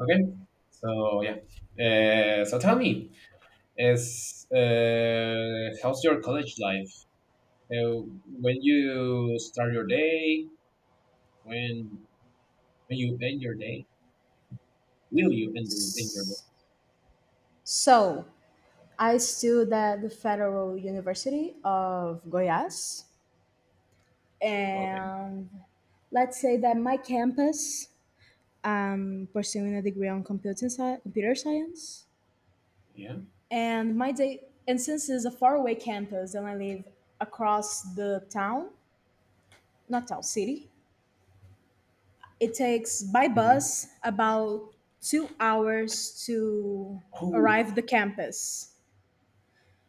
Okay. So yeah. So tell me, is how's your college life? Uh, when you start your day, when when you end your day, will you end your day? So, I stood at the Federal University of Goiás, Okay. and let's say that my campus, I'm pursuing a degree on computer science, Yeah. and my day, and since it's a faraway campus and I live across the town, not town, city, it takes by Mm-hmm. bus about 2 hours to arrive Oh. the campus,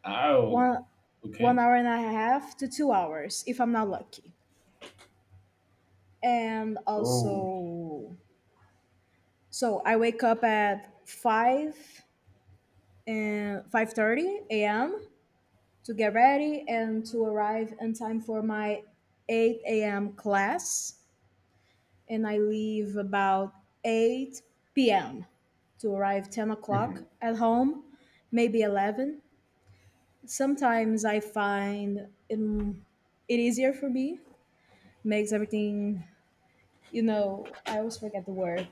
Ow. one one Okay. hour and a half to 2 hours if I'm not lucky. And Oh. also, so I wake up at 5 and 5:30 a.m. to get ready and to arrive in time for my 8 a.m. class, and I leave about 8 p.m. to arrive 10 Hmm. o'clock at home, maybe 11. Sometimes I find it easier for me, makes everything, I always forget the word.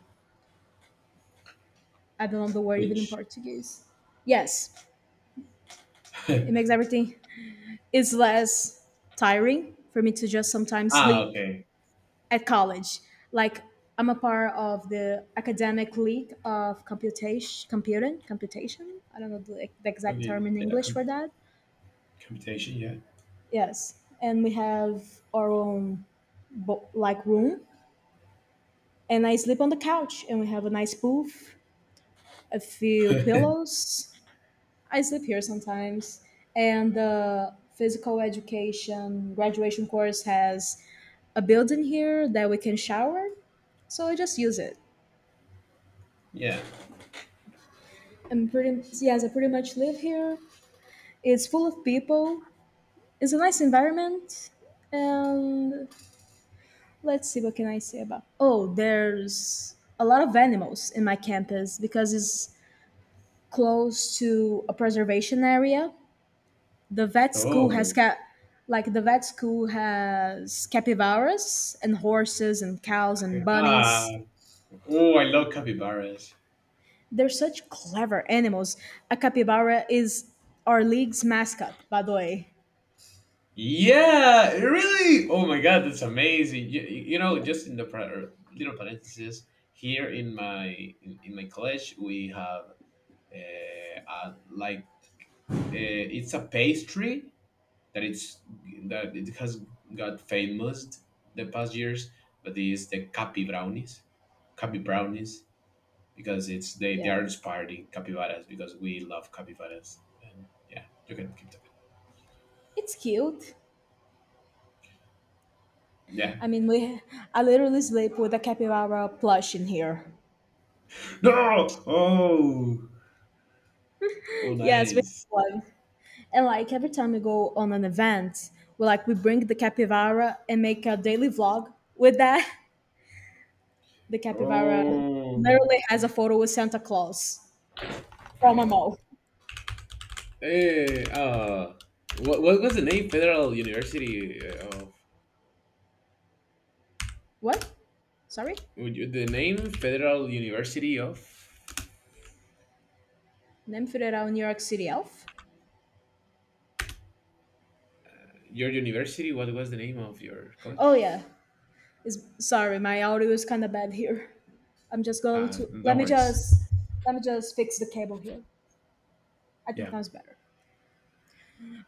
I don't know the word even in Which? Portuguese. Yes, it makes everything, it's less tiring for me to just sometimes Ah. sleep Okay. at college. Like, I'm a part of the academic league of computation. I don't know the exact Okay. term in Yeah. English for that. Computation. Yes, and we have our own like room, and I sleep on the couch, and we have a nice booth, a few Yeah. pillows. I sleep here sometimes. And the physical education graduation course has a building here that we can shower, so I just use it. Yeah. I'm pretty Yes, I pretty much live here. It's full of people. It's a nice environment, and let's see what can I say about. Oh, there's a lot of animals in my campus because it's close to a preservation area, the vet school has Oh. got the vet school has capybaras and horses and cows and Ah. bunnies. Oh, I love capybaras. They're such clever animals. A capybara is our league's mascot, by the way. Yeah, really. Oh my God, that's amazing. You know, Yeah, just in the pra- little parenthesis here in my in my college, we have uh, uh like uh, it's a pastry that it's that it has got famous the past years, but it's the capi brownies because it's they are yes. inspired in capybaras because we love capybaras and yeah, you can keep talking. It's cute. Yeah. I mean, we I literally sleep with a capybara plush in here. No. Oh. Oh, Yes, we nice. have one. And like every time we go on an event, we bring the capybara and make a daily vlog with that. The capybara Oh, literally has a photo with Santa Claus from a mall. hey, what was the name Federal University of? What? Sorry? The name Federal University of Name for New York City elf? your university? What was the name of your Oh college? yeah. Sorry, my audio is kind of bad here. I'm just going to let Don't me worry. just Let me just fix the cable here. I think Yeah, that's better.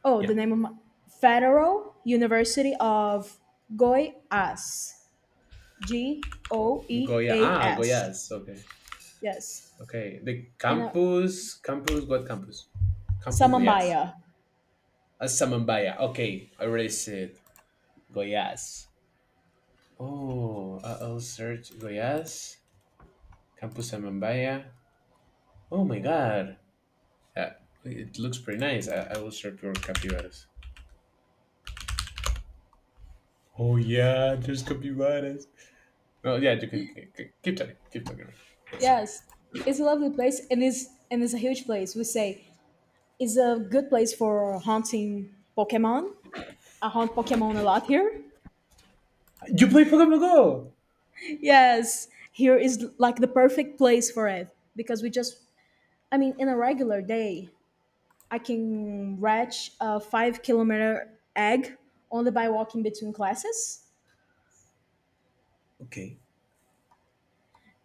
Oh, the yeah. name of my Federal University of Goiás. G O E Goya. A Ah, S. Goyas. Okay, Yes. okay. The And campus, campus. What campus? Campus Goyas. Samambaia. Asamambaya. Okay, I already said Goyas. I'll search Goyas. Campus Amambaya. Oh my god. Uh, it looks pretty nice. I will search for capybaras. Oh yeah, there's capybaras. Well, yeah, you can, keep talking. Keep talking. Sorry. Yes, it's a lovely place, and it's a huge place. We say it's a good place for hunting Pokemon. I hunt Pokemon a lot here. You play Pokemon Go. Yes, here is like the perfect place for it because I mean, in a regular day, I can hatch a 5 kilometer egg only by walking between classes, Okay.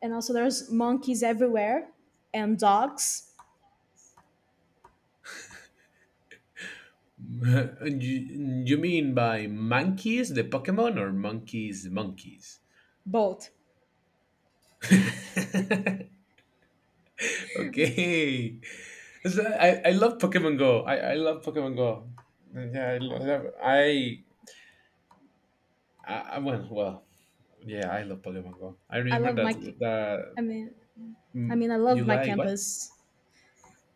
and also there's monkeys everywhere and dogs. You mean by monkeys the Pokemon or monkeys monkeys? Both. Okay. So I love Pokemon Go. I love Pokemon Go. Yeah, I love, I yeah, I love Polyomango. I I remember love that my. that I mean, mm, I you love my like what? campus.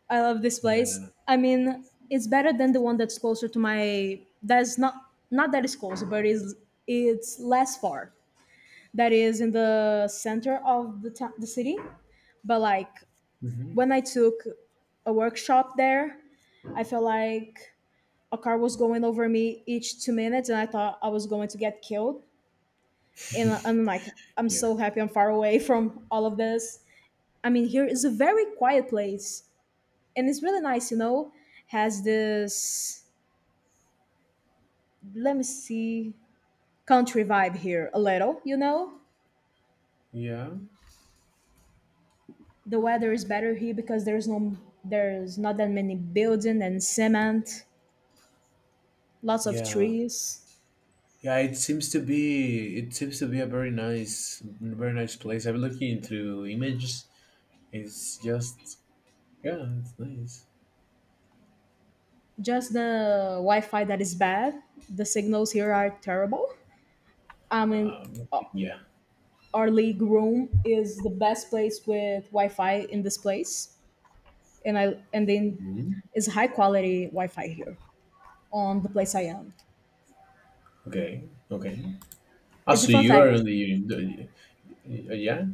I love this Yeah. place. I mean, it's better than the one that's closer to my. That's not, not that it's closer, but is it's less far. That is in the center of the town, the city. But like Hmm. when I took a workshop there, I felt like a car was going over me each 2 minutes, and I thought I was going to get killed. And I'm like, I'm Yeah. so happy I'm far away from all of this. I mean, here is a very quiet place, and it's really nice, you know, has this, let me see, country vibe here a little, you know. Yeah. The weather is better here because there's not that many building and cement, lots of Yeah. trees. Yeah, it seems to be a very nice place. I'm looking through images. It's just yeah, it's nice. Just the Wi-Fi that is bad. The signals here are terrible. I mean, o- Yeah. our league room is the best place with Wi-Fi in this place, and then Mhm. it's high quality Wi-Fi here on the place I am. Okay. Okay. Ah, It's a so fun you are fact. on the yeah,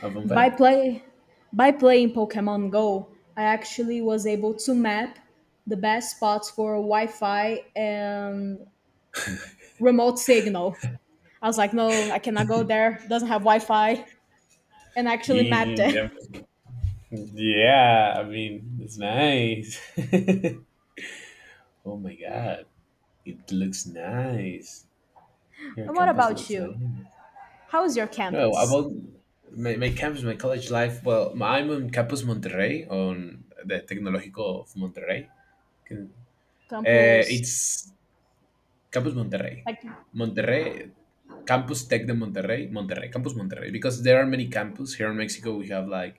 avant By fact? play by playing Pokemon Go, I actually was able to map the best spots for Wi-Fi and remote signal. I was like, no, I cannot go there. Doesn't have Wi-Fi, and I actually mapped it. Yeah, yeah, I mean, it's nice. Oh my god. It looks nice. Your And what campus about looks nice. you? How is your No, campus? about my campus, my college life. Well, I'm on Campus Monterrey, on the Tecnológico of Monterrey. Can- Campus, it's Campus Monterrey. like, Monterrey, Campus Tech de Monterrey, Monterrey, Campus Monterrey. Because there are many campus. Here in Mexico, we have like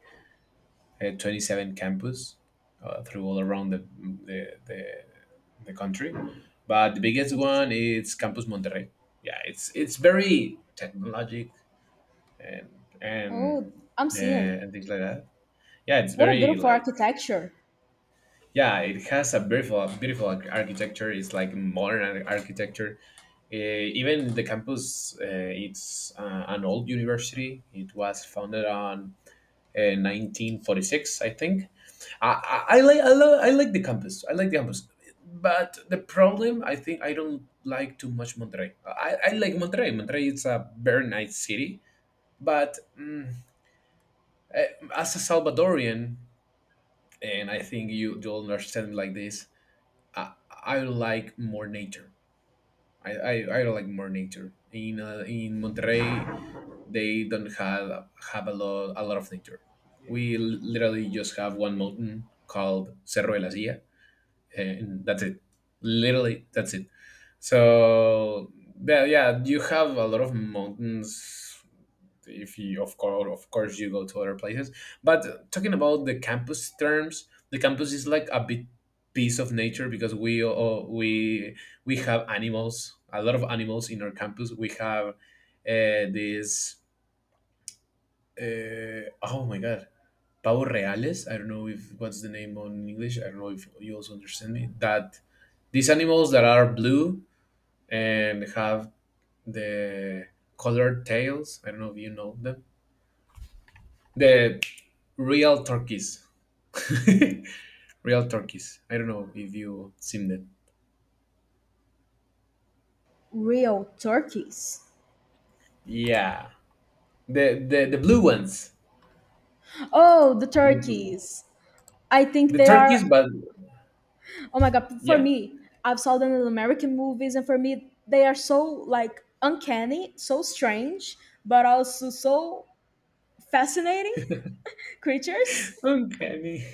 27 campus through all around the, the, the country. But the biggest I see. one is Campus Monterrey. Yeah, it's very technologic and and Oh, I'm uh, seeing. Things like that. Yeah, it's What a very beautiful like architecture! yeah, it has a beautiful beautiful architecture. It's like modern architecture. Uh, Even the campus, it's an old university. It was founded on 1946, I think I like the campus. I like the campus, but the problem I think I don't like too much Monterrey. I like Monterrey. Monterrey is a very nice city, but eh, as a Salvadorian, and I think you'll understand like this. I like more nature. I, I, I like more nature. In Monterrey, they don't have a lot of nature. We literally just have one mountain called Cerro de la Silla and that's it. Literally, that's it. So yeah, yeah, you have a lot of mountains. If you, of course, you go to other places. But talking about the campus terms, the campus is like a big piece of nature because we have animals, a lot of animals in our campus. We have this oh my god. Pavo reales. I don't know if what's the name on English. I don't know if you also understand me. That these animals that are blue and have the colored tails. I don't know if you know them. The real turkeys. Real turkeys. I don't know if you seen them. Real turkeys. Yeah. The blue ones. Oh, the The blue. turkeys. I think The they are. turkeys, but Oh my god, for yeah. me, I've saw them in American movies, and for me, they are so like uncanny, so strange, but also so fascinating creatures. Uncanny.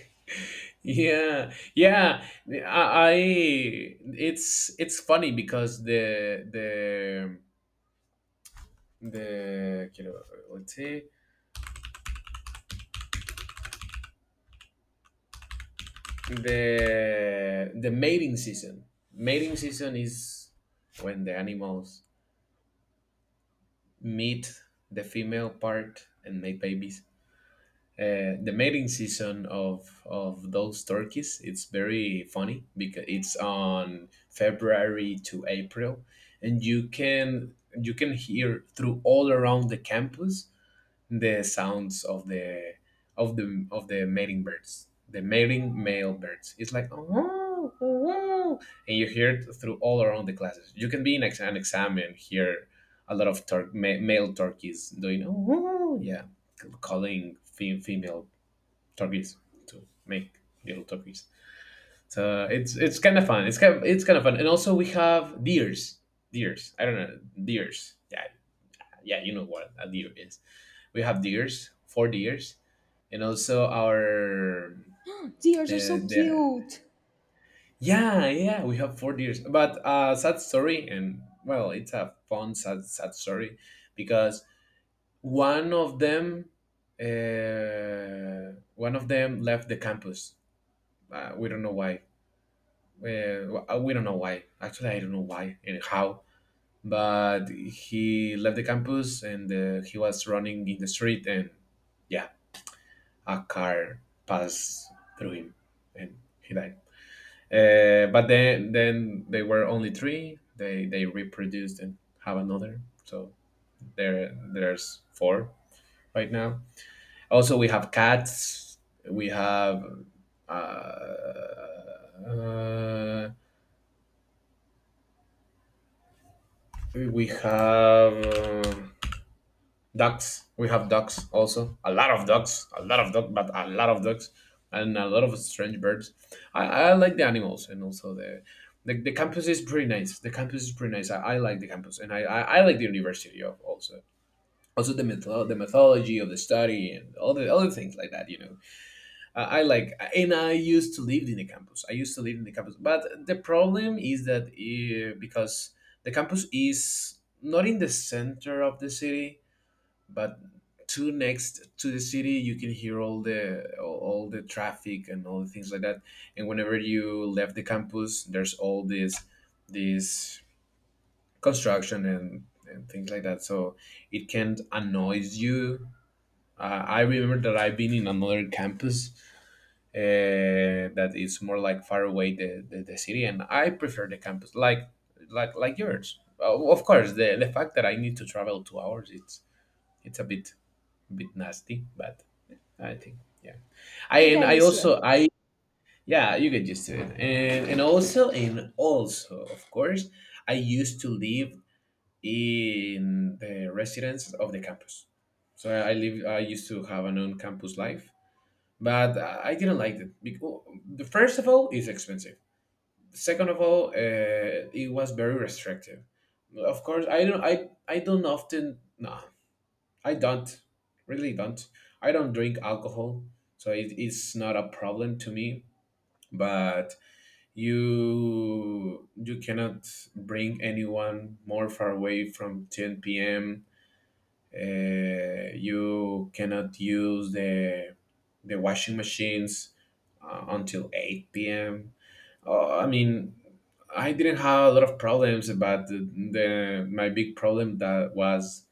Yeah, yeah. I it's funny because the you know, let's say the mating season. Mating season is when the animals meet the female part and make babies. The mating season of those turkeys it's very funny because it's on February to April, and you can hear through all around the campus the sounds of the mating birds, the mating male birds. It's like oh, and you hear it through all around the classes. You can be in an exam and hear a lot of male turkeys doing oh yeah, calling female turkeys to make little turkeys. So it's fun. It's kind of fun, and also we have deers, deers. I don't know deers. Yeah, yeah, you know what a deer is. We have deers, 4 deers, and also our Deers are uh, so the, cute. yeah yeah we have 4 deers. But sad story, and well, it's a fun sad sad story because one of them one of them left the campus. Uh, we don't know why Uh, we don't know why. Actually, I don't know why and how. But he left the campus and he was running in the street, and yeah, a car passed through him, and he died. But then they were only 3. They reproduced and have another. So there's 4 right now. Also, we have cats. We have. Uh, uh, we have. Ducks, we have ducks, also a lot of ducks, a lot of ducks, but a lot of ducks, and a lot of strange birds. I like the animals and also the campus is pretty nice, I like the campus and I like the university of also also the the methodology of the study and all the other things like that you know. I like, and I used to live in the campus, I used to live in the campus but the problem is that because the campus is not in the center of the city but too next to the city, you can hear all the traffic and all the things like that, and whenever you left the campus there's all this construction and things like that, so it can annoys you. I remember that I've been in another campus that is more like far away the city, and I prefer the campus like like yours. Of course the fact that I need to travel 2 hours it's a bit nasty but I think, yeah. I You and get I used to it. also I yeah, you get used to it. And and also of course I used to live in the residence of the campus. So I used to have an own campus life. But I didn't like it because the first of all it's expensive. Second of all, it was very restrictive. Of course, I don't often no I don't, really don't. I don't drink alcohol, so it's not a problem to me. But you cannot bring anyone more far away from 10 p.m. You cannot use the washing machines until 8 p.m. I mean, I didn't have a lot of problems, but the my big problem that was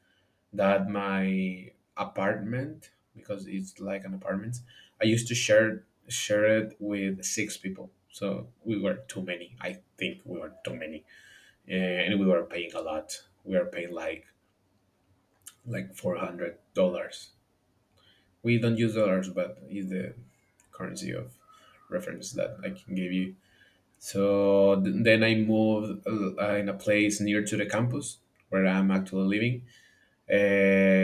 that my apartment because it's like an apartment. I used to share it with 6 people, so we were too many, and we were paying a lot, we were paying like $400. We don't use dollars but it's the currency of reference that I can give you. So then I moved in a place near to the campus where I'm actually living. Uh,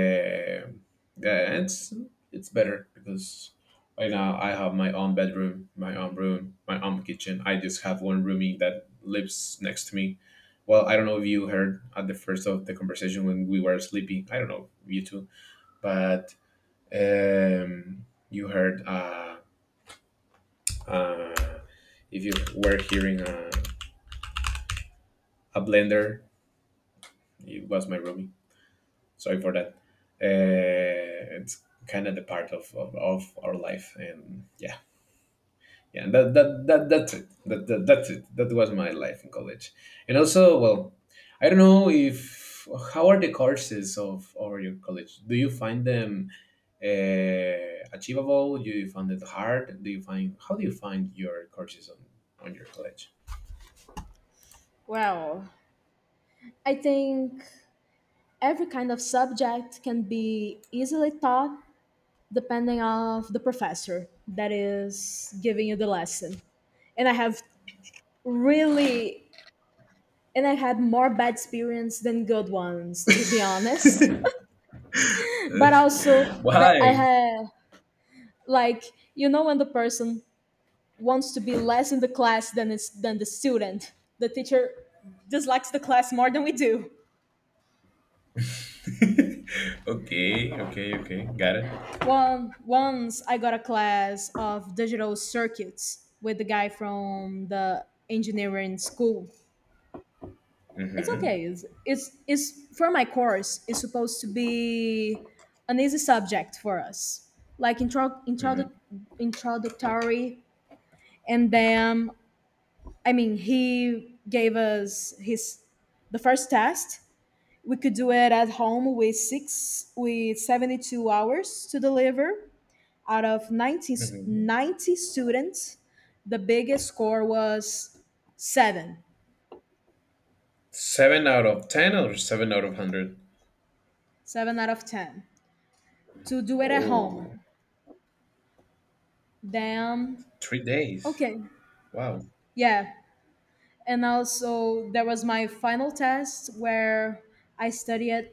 yeah, and it's better because right now I have my own bedroom, my own room, my own kitchen. I just have one roomie that lives next to me. Well, I don't know if you heard at the first of the conversation when we were sleeping. I don't know you two, but you heard uh, if you were hearing a blender, it was my roomie. Sorry for that. It's kind of the part of, of our life, and yeah, yeah, and that's it. That's it. That was my life in college, and also, well, I don't know if how are the courses of your college? Do you find them achievable? Do you find it hard? Do you find how do you find your courses on your college? Well, I think every kind of subject can be easily taught depending of the professor that is giving you the lesson. And I have really and I had more bad experience than good ones, to be honest. But also that I Why? have, like, you know when the person wants to be less in the class than it's than the student, the teacher dislikes the class more than we do. Okay, okay, okay, got it. One Once I got a class of digital circuits with the guy from the engineering school. It's Mm-hmm. okay. It's for my course. It's supposed to be an easy subject for us, like introductory. And then, I mean, he gave us his the first test, we could do it at home with six with 72 hours to deliver. Out of 90, Mm-hmm. 90 students, the biggest score was seven, Seven out of ten or seven out of hundred? seven out of 10 to do it at home. Oh, Damn. 3 days. Okay, Wow. yeah. And also, there was my final test where I studied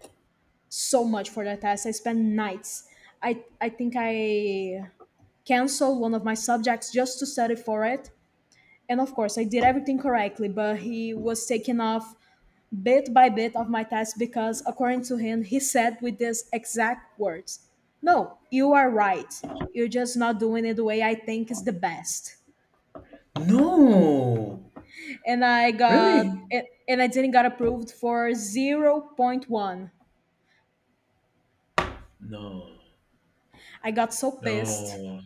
so much for that test. I spent nights. I think I canceled one of my subjects just to study for it. And of course, I did everything correctly, but he was taking off bit by bit of my test because, according to him, he said with these exact words: No, you are right. You're just not doing it the way I think is the best. No, And I got, really? and I didn't got approved for zero point 0.1. No, I got so pissed. no.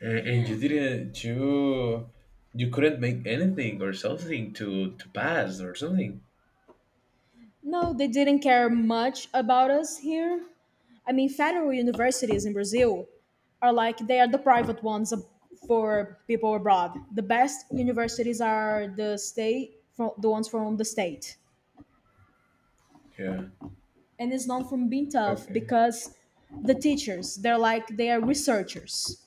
And, you didn't. You couldn't make anything or something to pass or something. No, they didn't care much about us here. I mean, federal universities in Brazil are like they are the private ones for people abroad. The best universities are the state, from the ones from the state, Yeah. and it's known for being tough Okay. because the teachers they're like they are researchers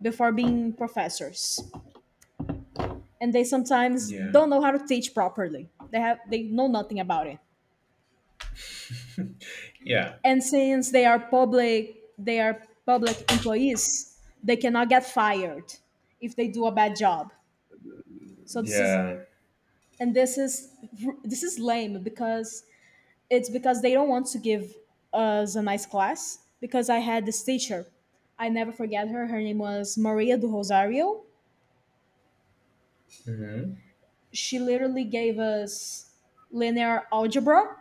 before being professors, and they sometimes Yeah. don't know how to teach properly. They have they know nothing about it. Yeah. And since they are public, they are public employees, they cannot get fired if they do a bad job. So Yeah. This is, this is lame because it's because they don't want to give us a nice class, because I had this teacher, I never forget her, her name was Maria do Rosario. Hmm. She literally gave us linear algebra,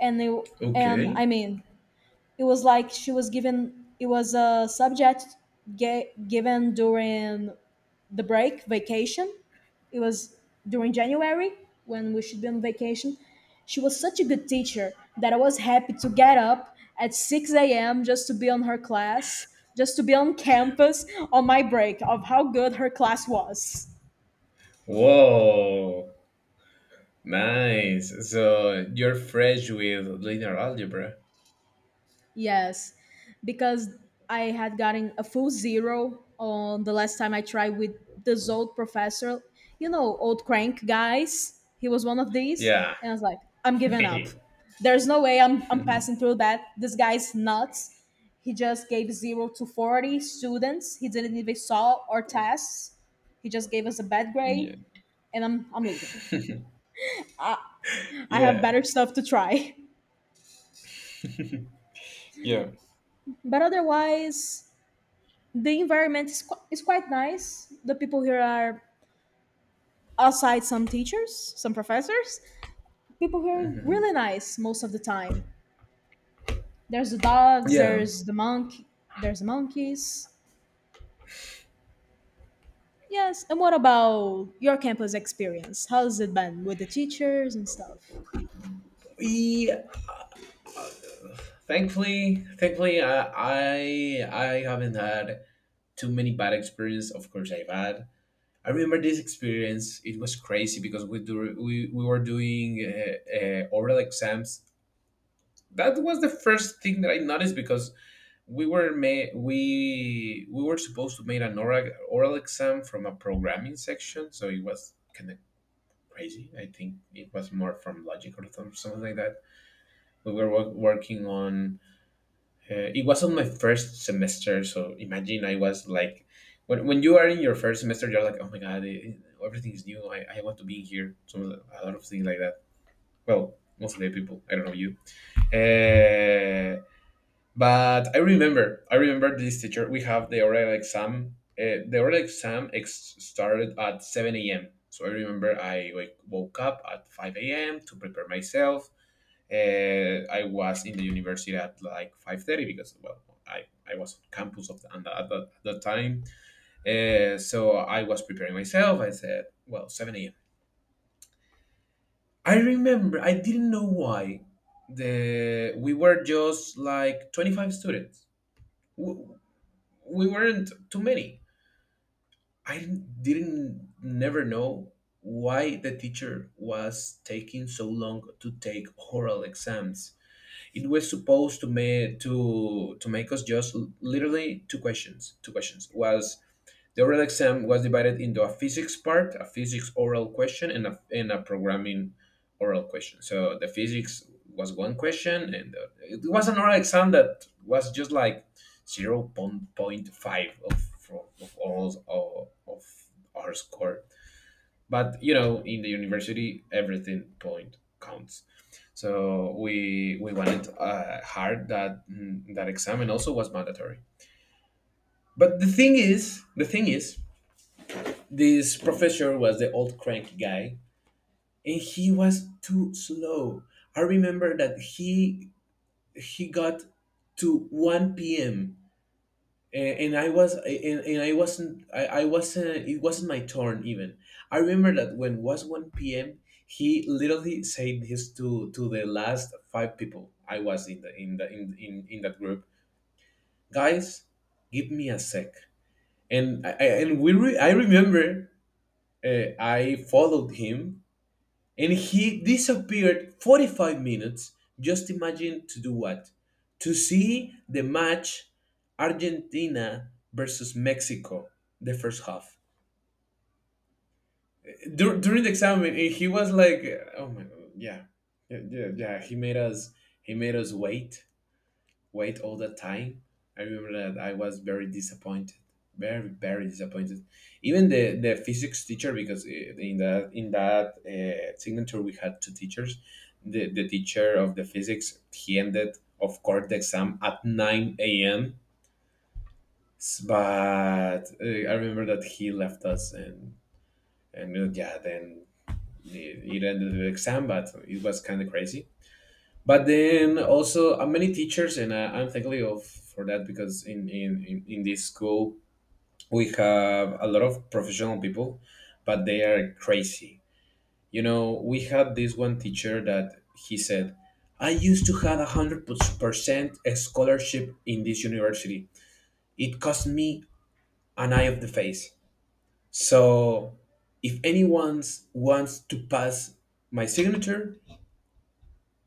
and it, and Okay. I mean, it was like she was given, it was a subject given during the break vacation, it was during January when we should be on vacation. She was such a good teacher that I was happy to get up at 6 a.m. just to be on her class, just to be on campus on my break of how good her class was. Whoa. Nice. So you're fresh with linear algebra. Yes, because I had gotten a full zero on the last time I tried with this old professor, you know, old crank guys. He was one of these, Yeah. and I was like, I'm giving up. There's no way I'm passing through that. This guy's nuts. He just gave zero to 40 students. He didn't even solve our tests. He just gave us a bad Yeah. grade, and I'm leaving. I have Yeah. better stuff to try. Yeah. But otherwise, the environment is, is quite nice. The people here are, outside some teachers, some professors, people here are hmm really nice most of the time. There's the dogs, Yeah. there's the there's the monkeys. Yes, and what about your campus experience? How's it been with the teachers and stuff? We thankfully, I haven't had too many bad experiences. Of course, I've had. I remember this experience. It was crazy because we were doing oral exams. That was the first thing that I noticed, because we were supposed to make an oral exam from a programming section, so it was kind crazy. I think it was more from logic or something like that. We were working on. It was on my first semester, so imagine I was like, when you are in your first semester, you're like, oh my god, everything is new. I want to be here. So a lot of things like that. Well, mostly people. I don't know you. Uh, but I remember this teacher. We have the oral exam. The oral exam started at 7 a.m. So I remember I woke up at 5 a.m. to prepare myself. I was in the university at like 5:30 because, well, I was on campus of the at that time. So I was preparing myself. I said, well, 7 a.m. I remember, I didn't know why. We were just like 25 students. W- we weren't too many. I didn't never know why the teacher was taking so long to take oral exams. It was supposed to make us just literally two questions. Two questions was The oral exam was divided into a physics part, a physics oral question, and and a programming oral question. So the physics was one question, and it was an oral exam that was just like zero point 0.5 of, all of our score. But you know, in the university, everything point counts. So we wanted hard that exam, and also was mandatory. But the thing is, this professor was the old cranky guy, and he was too slow. I remember that he got to one p.m. And I wasn't, I wasn't, it wasn't my turn even. I remember that when it was one p.m. he literally said this to the last five people. I was in the in the in that group. Guys, give me a sec. And I remember I followed him. And he disappeared 45 minutes. Just imagine, to do what? To see the match, Argentina versus Mexico, the first half. During the exam, and he was like, "Oh my god, yeah, yeah, yeah." Yeah. He made us wait all the time. I remember that I was very disappointed, very, very disappointed. Even the physics teacher, because in that signature we had two teachers. The teacher of the physics, he ended, of course, the exam at 9 a.m. But I remember that he left us, and yeah, then it ended the exam, but it was kind of crazy. But then also many teachers, and I'm thankful of for that, because in this school we have a lot of professional people, but they are crazy. We had this one teacher that he said, "I used to have 100% scholarship in this university. It cost me an eye of the face. So if anyone wants to pass my signature,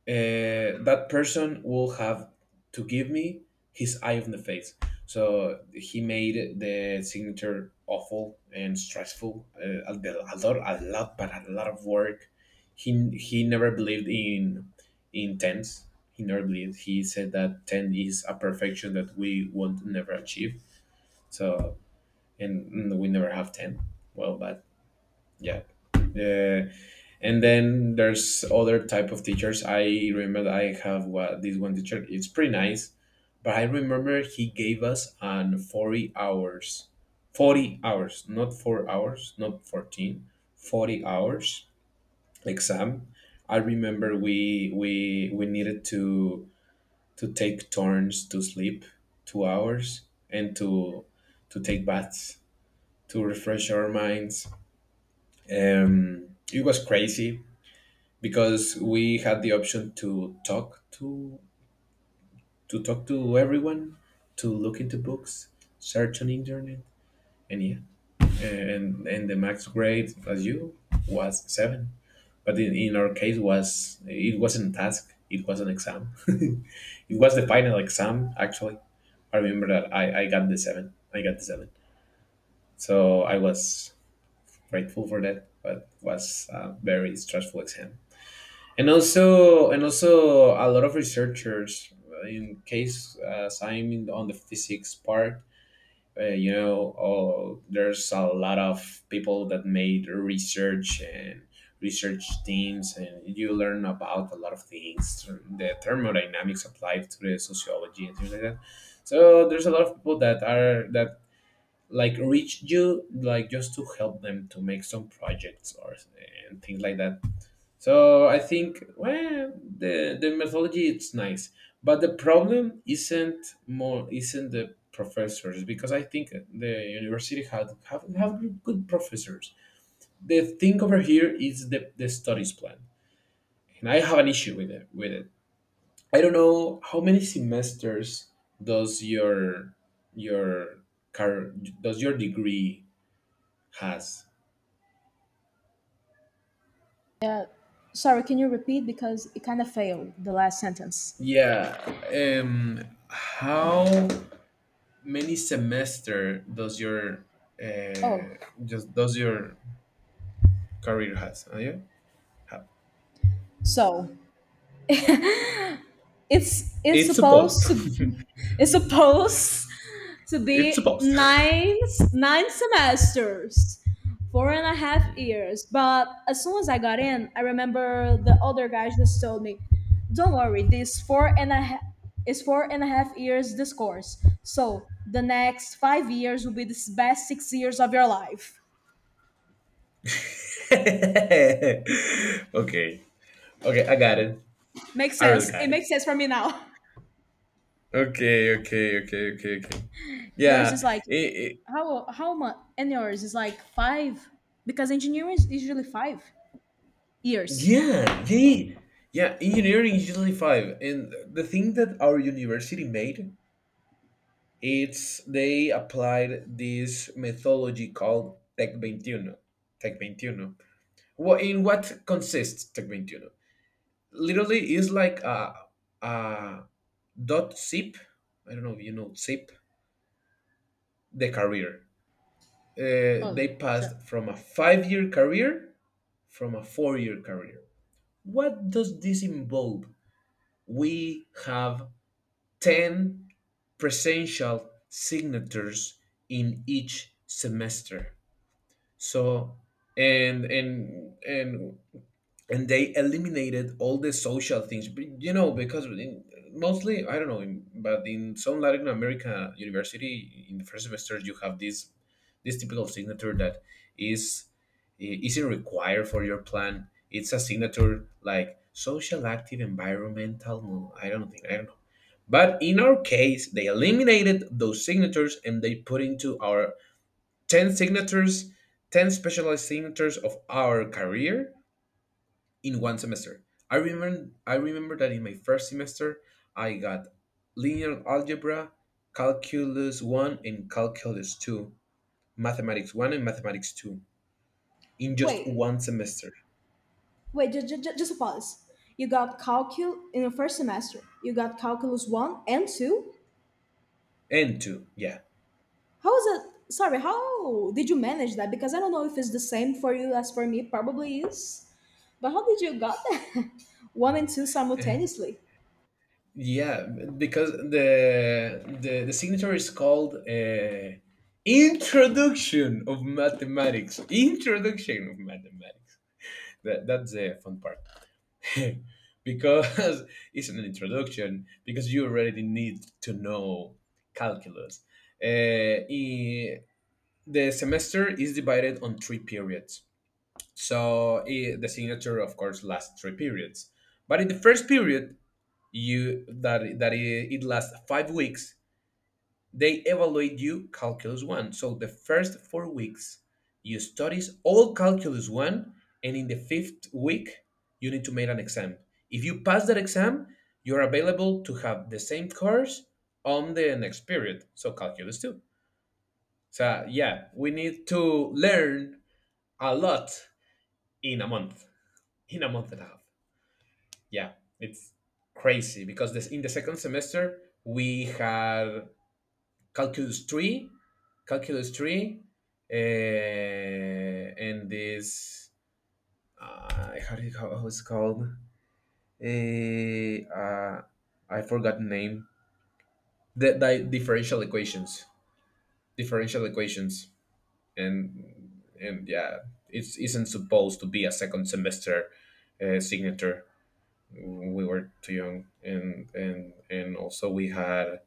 that person will have to give me his eye on the face." So he made the signature awful and stressful. A a, lot, a lot, but a lot of work. He never believed in tens. He never believed. He said that 10 is a perfection that we won't never achieve. So we never have 10. Well, but yeah, uh, and then there's other type of teachers. I remember that I have what, this one teacher, it's pretty nice. But I remember he gave us an 40 hours, 40 hours, not 4 hours, not 14, 40 hours exam. I remember we needed to take turns to sleep 2 hours, and to take baths to refresh our minds. um it was crazy, because we had the option to talk to everyone, to look into books, search on internet, and yeah. And the max grade as you was seven, but in our case was it wasn't a task, it was an exam. It was the final exam actually. I remember that I got the seven. I got the seven. So I was grateful for that, but was a very stressful exam. And also a lot of researchers, in case as I'm on the physics part. Oh, there's a lot of people that made research and research teams, and you learn about a lot of things, the thermodynamics applied to the sociology and things like that. So there's a lot of people that are that like reach you, like just to help them to make some projects or and things like that. So I think, well, the methodology it's nice, but the problem isn't the professors, because I think the university had have good professors. The thing over here is the studies plan, and I have an issue with it. With it, I don't know how many semesters does your car does your degree has. Yeah, sorry, can you repeat because it kind of failed the last sentence. Yeah, how many semester Oh, uh, does your career has? Are you? Have. so it's it's It's supposed. supposed to it's supposed to It's be supposed. Nine semesters, 4.5 years, but as soon as I got in, I remember the other guys just told me, don't worry, this four and a half is 4.5 years this course, so the next 5 years will be the best 6 years of your life. Okay. Okay, I got it. Makes I really sense, got it it. makes sense for me now. Okay, okay, okay, okay, okay. Yours is Yeah, like how much, and yours is like five because engineering is usually 5 years. yeah, yeah. Engineering is usually five, and the thing that our university made, it's they applied this methodology called Tech 21, Tech 21. Well, in what consists Tecventino? Literally, is like a dot zip. I don't know if you know zip. The career. Oh, They so passed from a 5-year career, from a 4-year career. What does this involve? We have ten presential signatures in each semester. So and and and and they eliminated all the social things. But, because mostly I don't know but in some latin america university, in the first semesters, you have this typical signature that is isn't required for your plan. It's a signature like social, active, environmental. No, I don't think, I don't know. But in our case, they eliminated those signatures, and they put into our 10 signatures, 10 specialized signatures of our career in one semester. I remember that in my first semester I got linear algebra, calculus 1 and calculus 2, mathematics 1 and mathematics 2 in just wait, one semester. wait, just a pause. You got calculus in the first semester. You got calculus one and two. And 2, yeah. How is it? Sorry, how did you manage that? Because I don't know if it's the same for you as for me. Probably is. But how did you got that? One and two simultaneously. Yeah, because the signature is called Introduction of Mathematics. Introduction of Mathematics. That's the fun part. Because it's an introduction, because you already need to know calculus. Uh, i- the semester is divided on three periods. So the signature, of course, lasts three periods. But in the first period, you that that I- it lasts 5 weeks. They evaluate you Calculus 1. So the first 4 weeks, you studies all Calculus 1, and in the fifth week, you need to make an exam. If you pass that exam, you're available to have the same course on the next period, so Calculus 2. So yeah, we need to learn a lot in a month, in a month and a half. Yeah, it's crazy, because this in the second semester we had calculus 3, calculus 3, and this how, do you- how it's called. Eh, uh, I forgot the name. The differential equations, differential equations. And yeah, it isn't supposed to be a second semester signature. We were too young, and also we had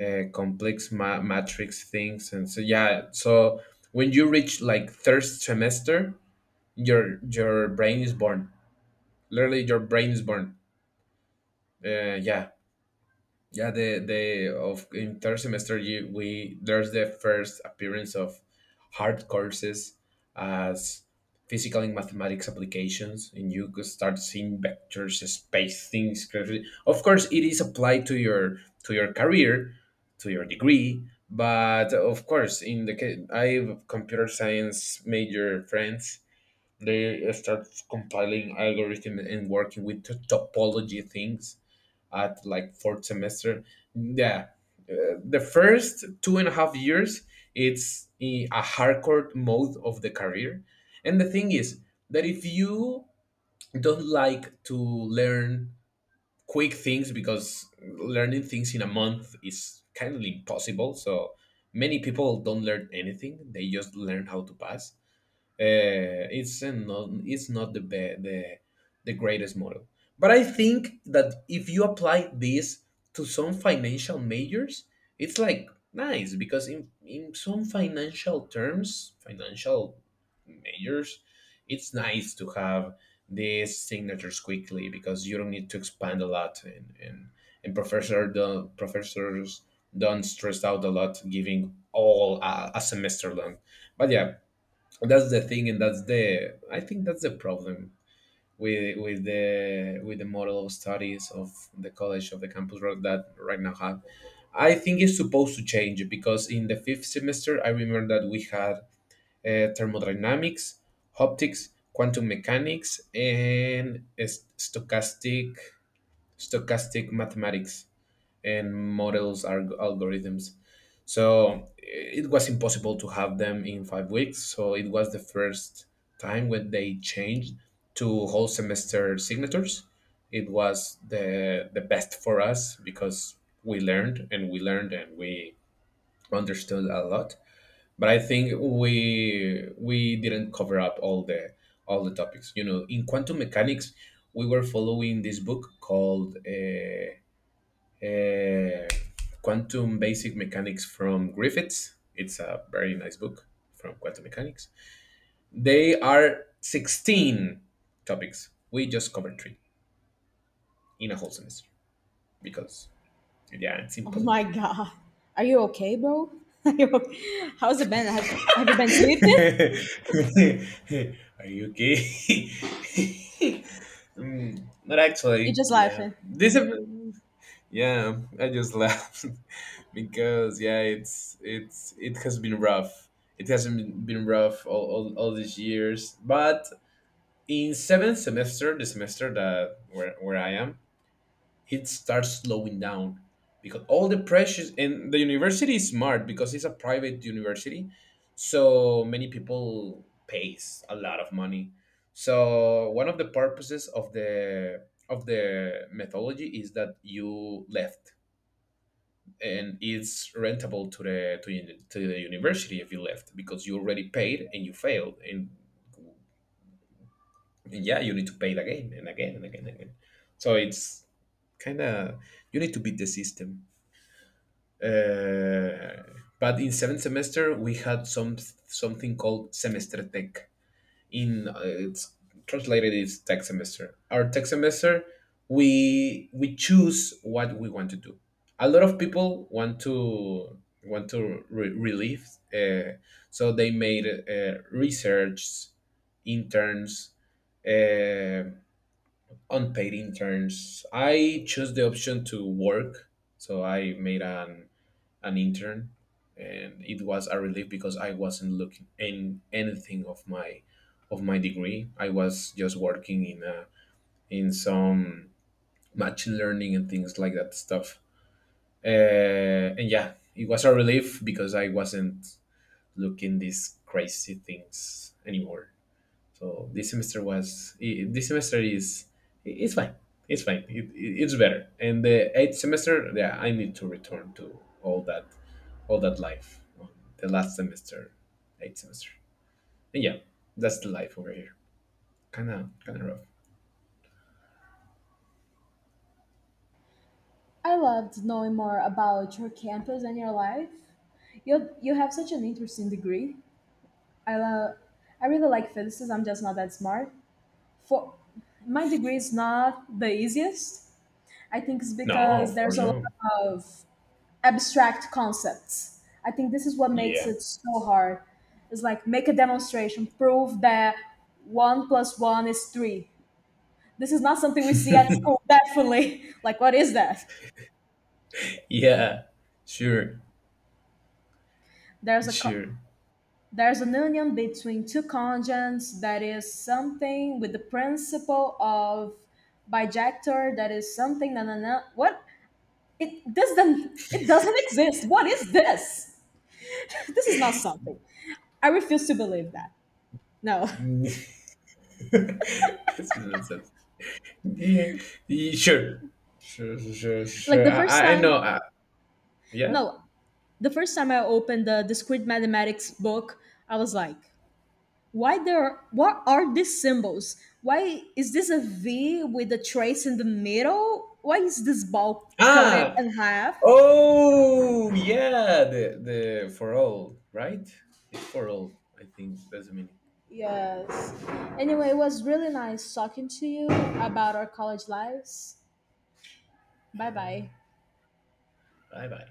complex matrix things, and so yeah. So when you reach like third semester, your brain is born, literally your brain is born. Yeah. Yeah, the of in third semester you we, there's the first appearance of hard courses as physical and mathematics applications, and you could start seeing vectors, space things. Gravity. Of course, it is applied to your career, to your degree. But of course, in the case I have computer science major friends, they start compiling algorithm and working with topology things at like fourth semester. Yeah, the first 2.5 years it's a hardcore mode of the career, and the thing is that if you don't like to learn quick things because learning things in a month is kind of impossible, so many people don't learn anything; they just learn how to pass. It's not the be- the greatest model. But I think that if you apply this to some financial majors, it's like nice because in some financial terms, financial majors, it's nice to have these signatures quickly because you don't need to expand a lot and professor the professors don't stress out a lot giving all a semester long. But yeah, that's the thing, and that's the problem with the model of studies of the college of the campus road that right now have. I think it's supposed to change because in the fifth semester I remember that we had thermodynamics, optics, quantum mechanics, and stochastic mathematics and models are algorithms, so it was impossible to have them in 5 weeks. So it was the first time when they changed to whole semester signatures. It was the best for us because we learned, and we learned, and we understood a lot. But I think we we didn't cover up all the topics. You know, in quantum mechanics, we were following this book called uh, Quantum Basic Mechanics from Griffiths. It's a very nice book from quantum mechanics. They are 16 topics. We just covered three in a whole semester because, yeah, it's Oh impossible. my god. Are you okay, bro? Are you okay? How's it been? Have you been sleeping? Are you okay? Mm, not You actually. just Yeah. laughing. This is, yeah, I just laughed because yeah, it has been rough. It hasn't been rough all these years, but in seventh semester, the semester that where I am, it starts slowing down because all the pressures, and the university is smart because it's a private university, so many people pays a lot of money. So one of the purposes of the methodology is that you left, and it's rentable to the university if you left because you already paid and you failed, and yeah, you need to pay it again and again and again and again. So it's kind of, you need to beat the system. uh, but in seventh semester we had some something called semester tech in, it's translated is tech semester. Our tech semester, we choose what we want to do. A lot of people want to relieve, uh, so they made research interns, uh, unpaid interns. I chose the option to work, so I made an intern, and it was a relief because I wasn't looking in anything of my degree. I was just working in a, in some machine learning and things like that stuff. Uh, and yeah, it was a relief because I wasn't looking these crazy things anymore. So this semester is, it's fine. It's fine. It's better. And the eighth semester, yeah, I need to return to all that life, on the last semester, eighth semester. And yeah, that's the life over here. Kind of rough. I loved knowing more about your campus and your life. You have such an interesting degree. I love. I really like physics. I'm just not that smart. For, my degree is not the easiest. I think it's No, because of course there's a not. lot of abstract concepts. I think this is what makes Yeah, it so hard. It's like, make a demonstration, prove that one plus one is three. This is not something we see at school. Definitely. Like, what is that? yeah, sure, There's a co- sure. there's an union between two conjuncts that is something with the principle of bijector that is something, na na na, what, it doesn't exist, what is this. This is not something, I refuse to believe that. No. This is nonsense. Yeah, yeah, sure, sure, sure, sure. Like sure. the I, first I I know. time, Yeah. no, the first time I opened the discrete mathematics book, I was like, why there, what are these symbols, why is this a v with a trace in the middle, why is this ball cut it Ah. in half. Oh, yeah. The "for all", right? It's "for all". I think that's the meaning. Yes. Anyway, it was really nice talking to you about our college lives. Yeah. Bye bye. Bye bye.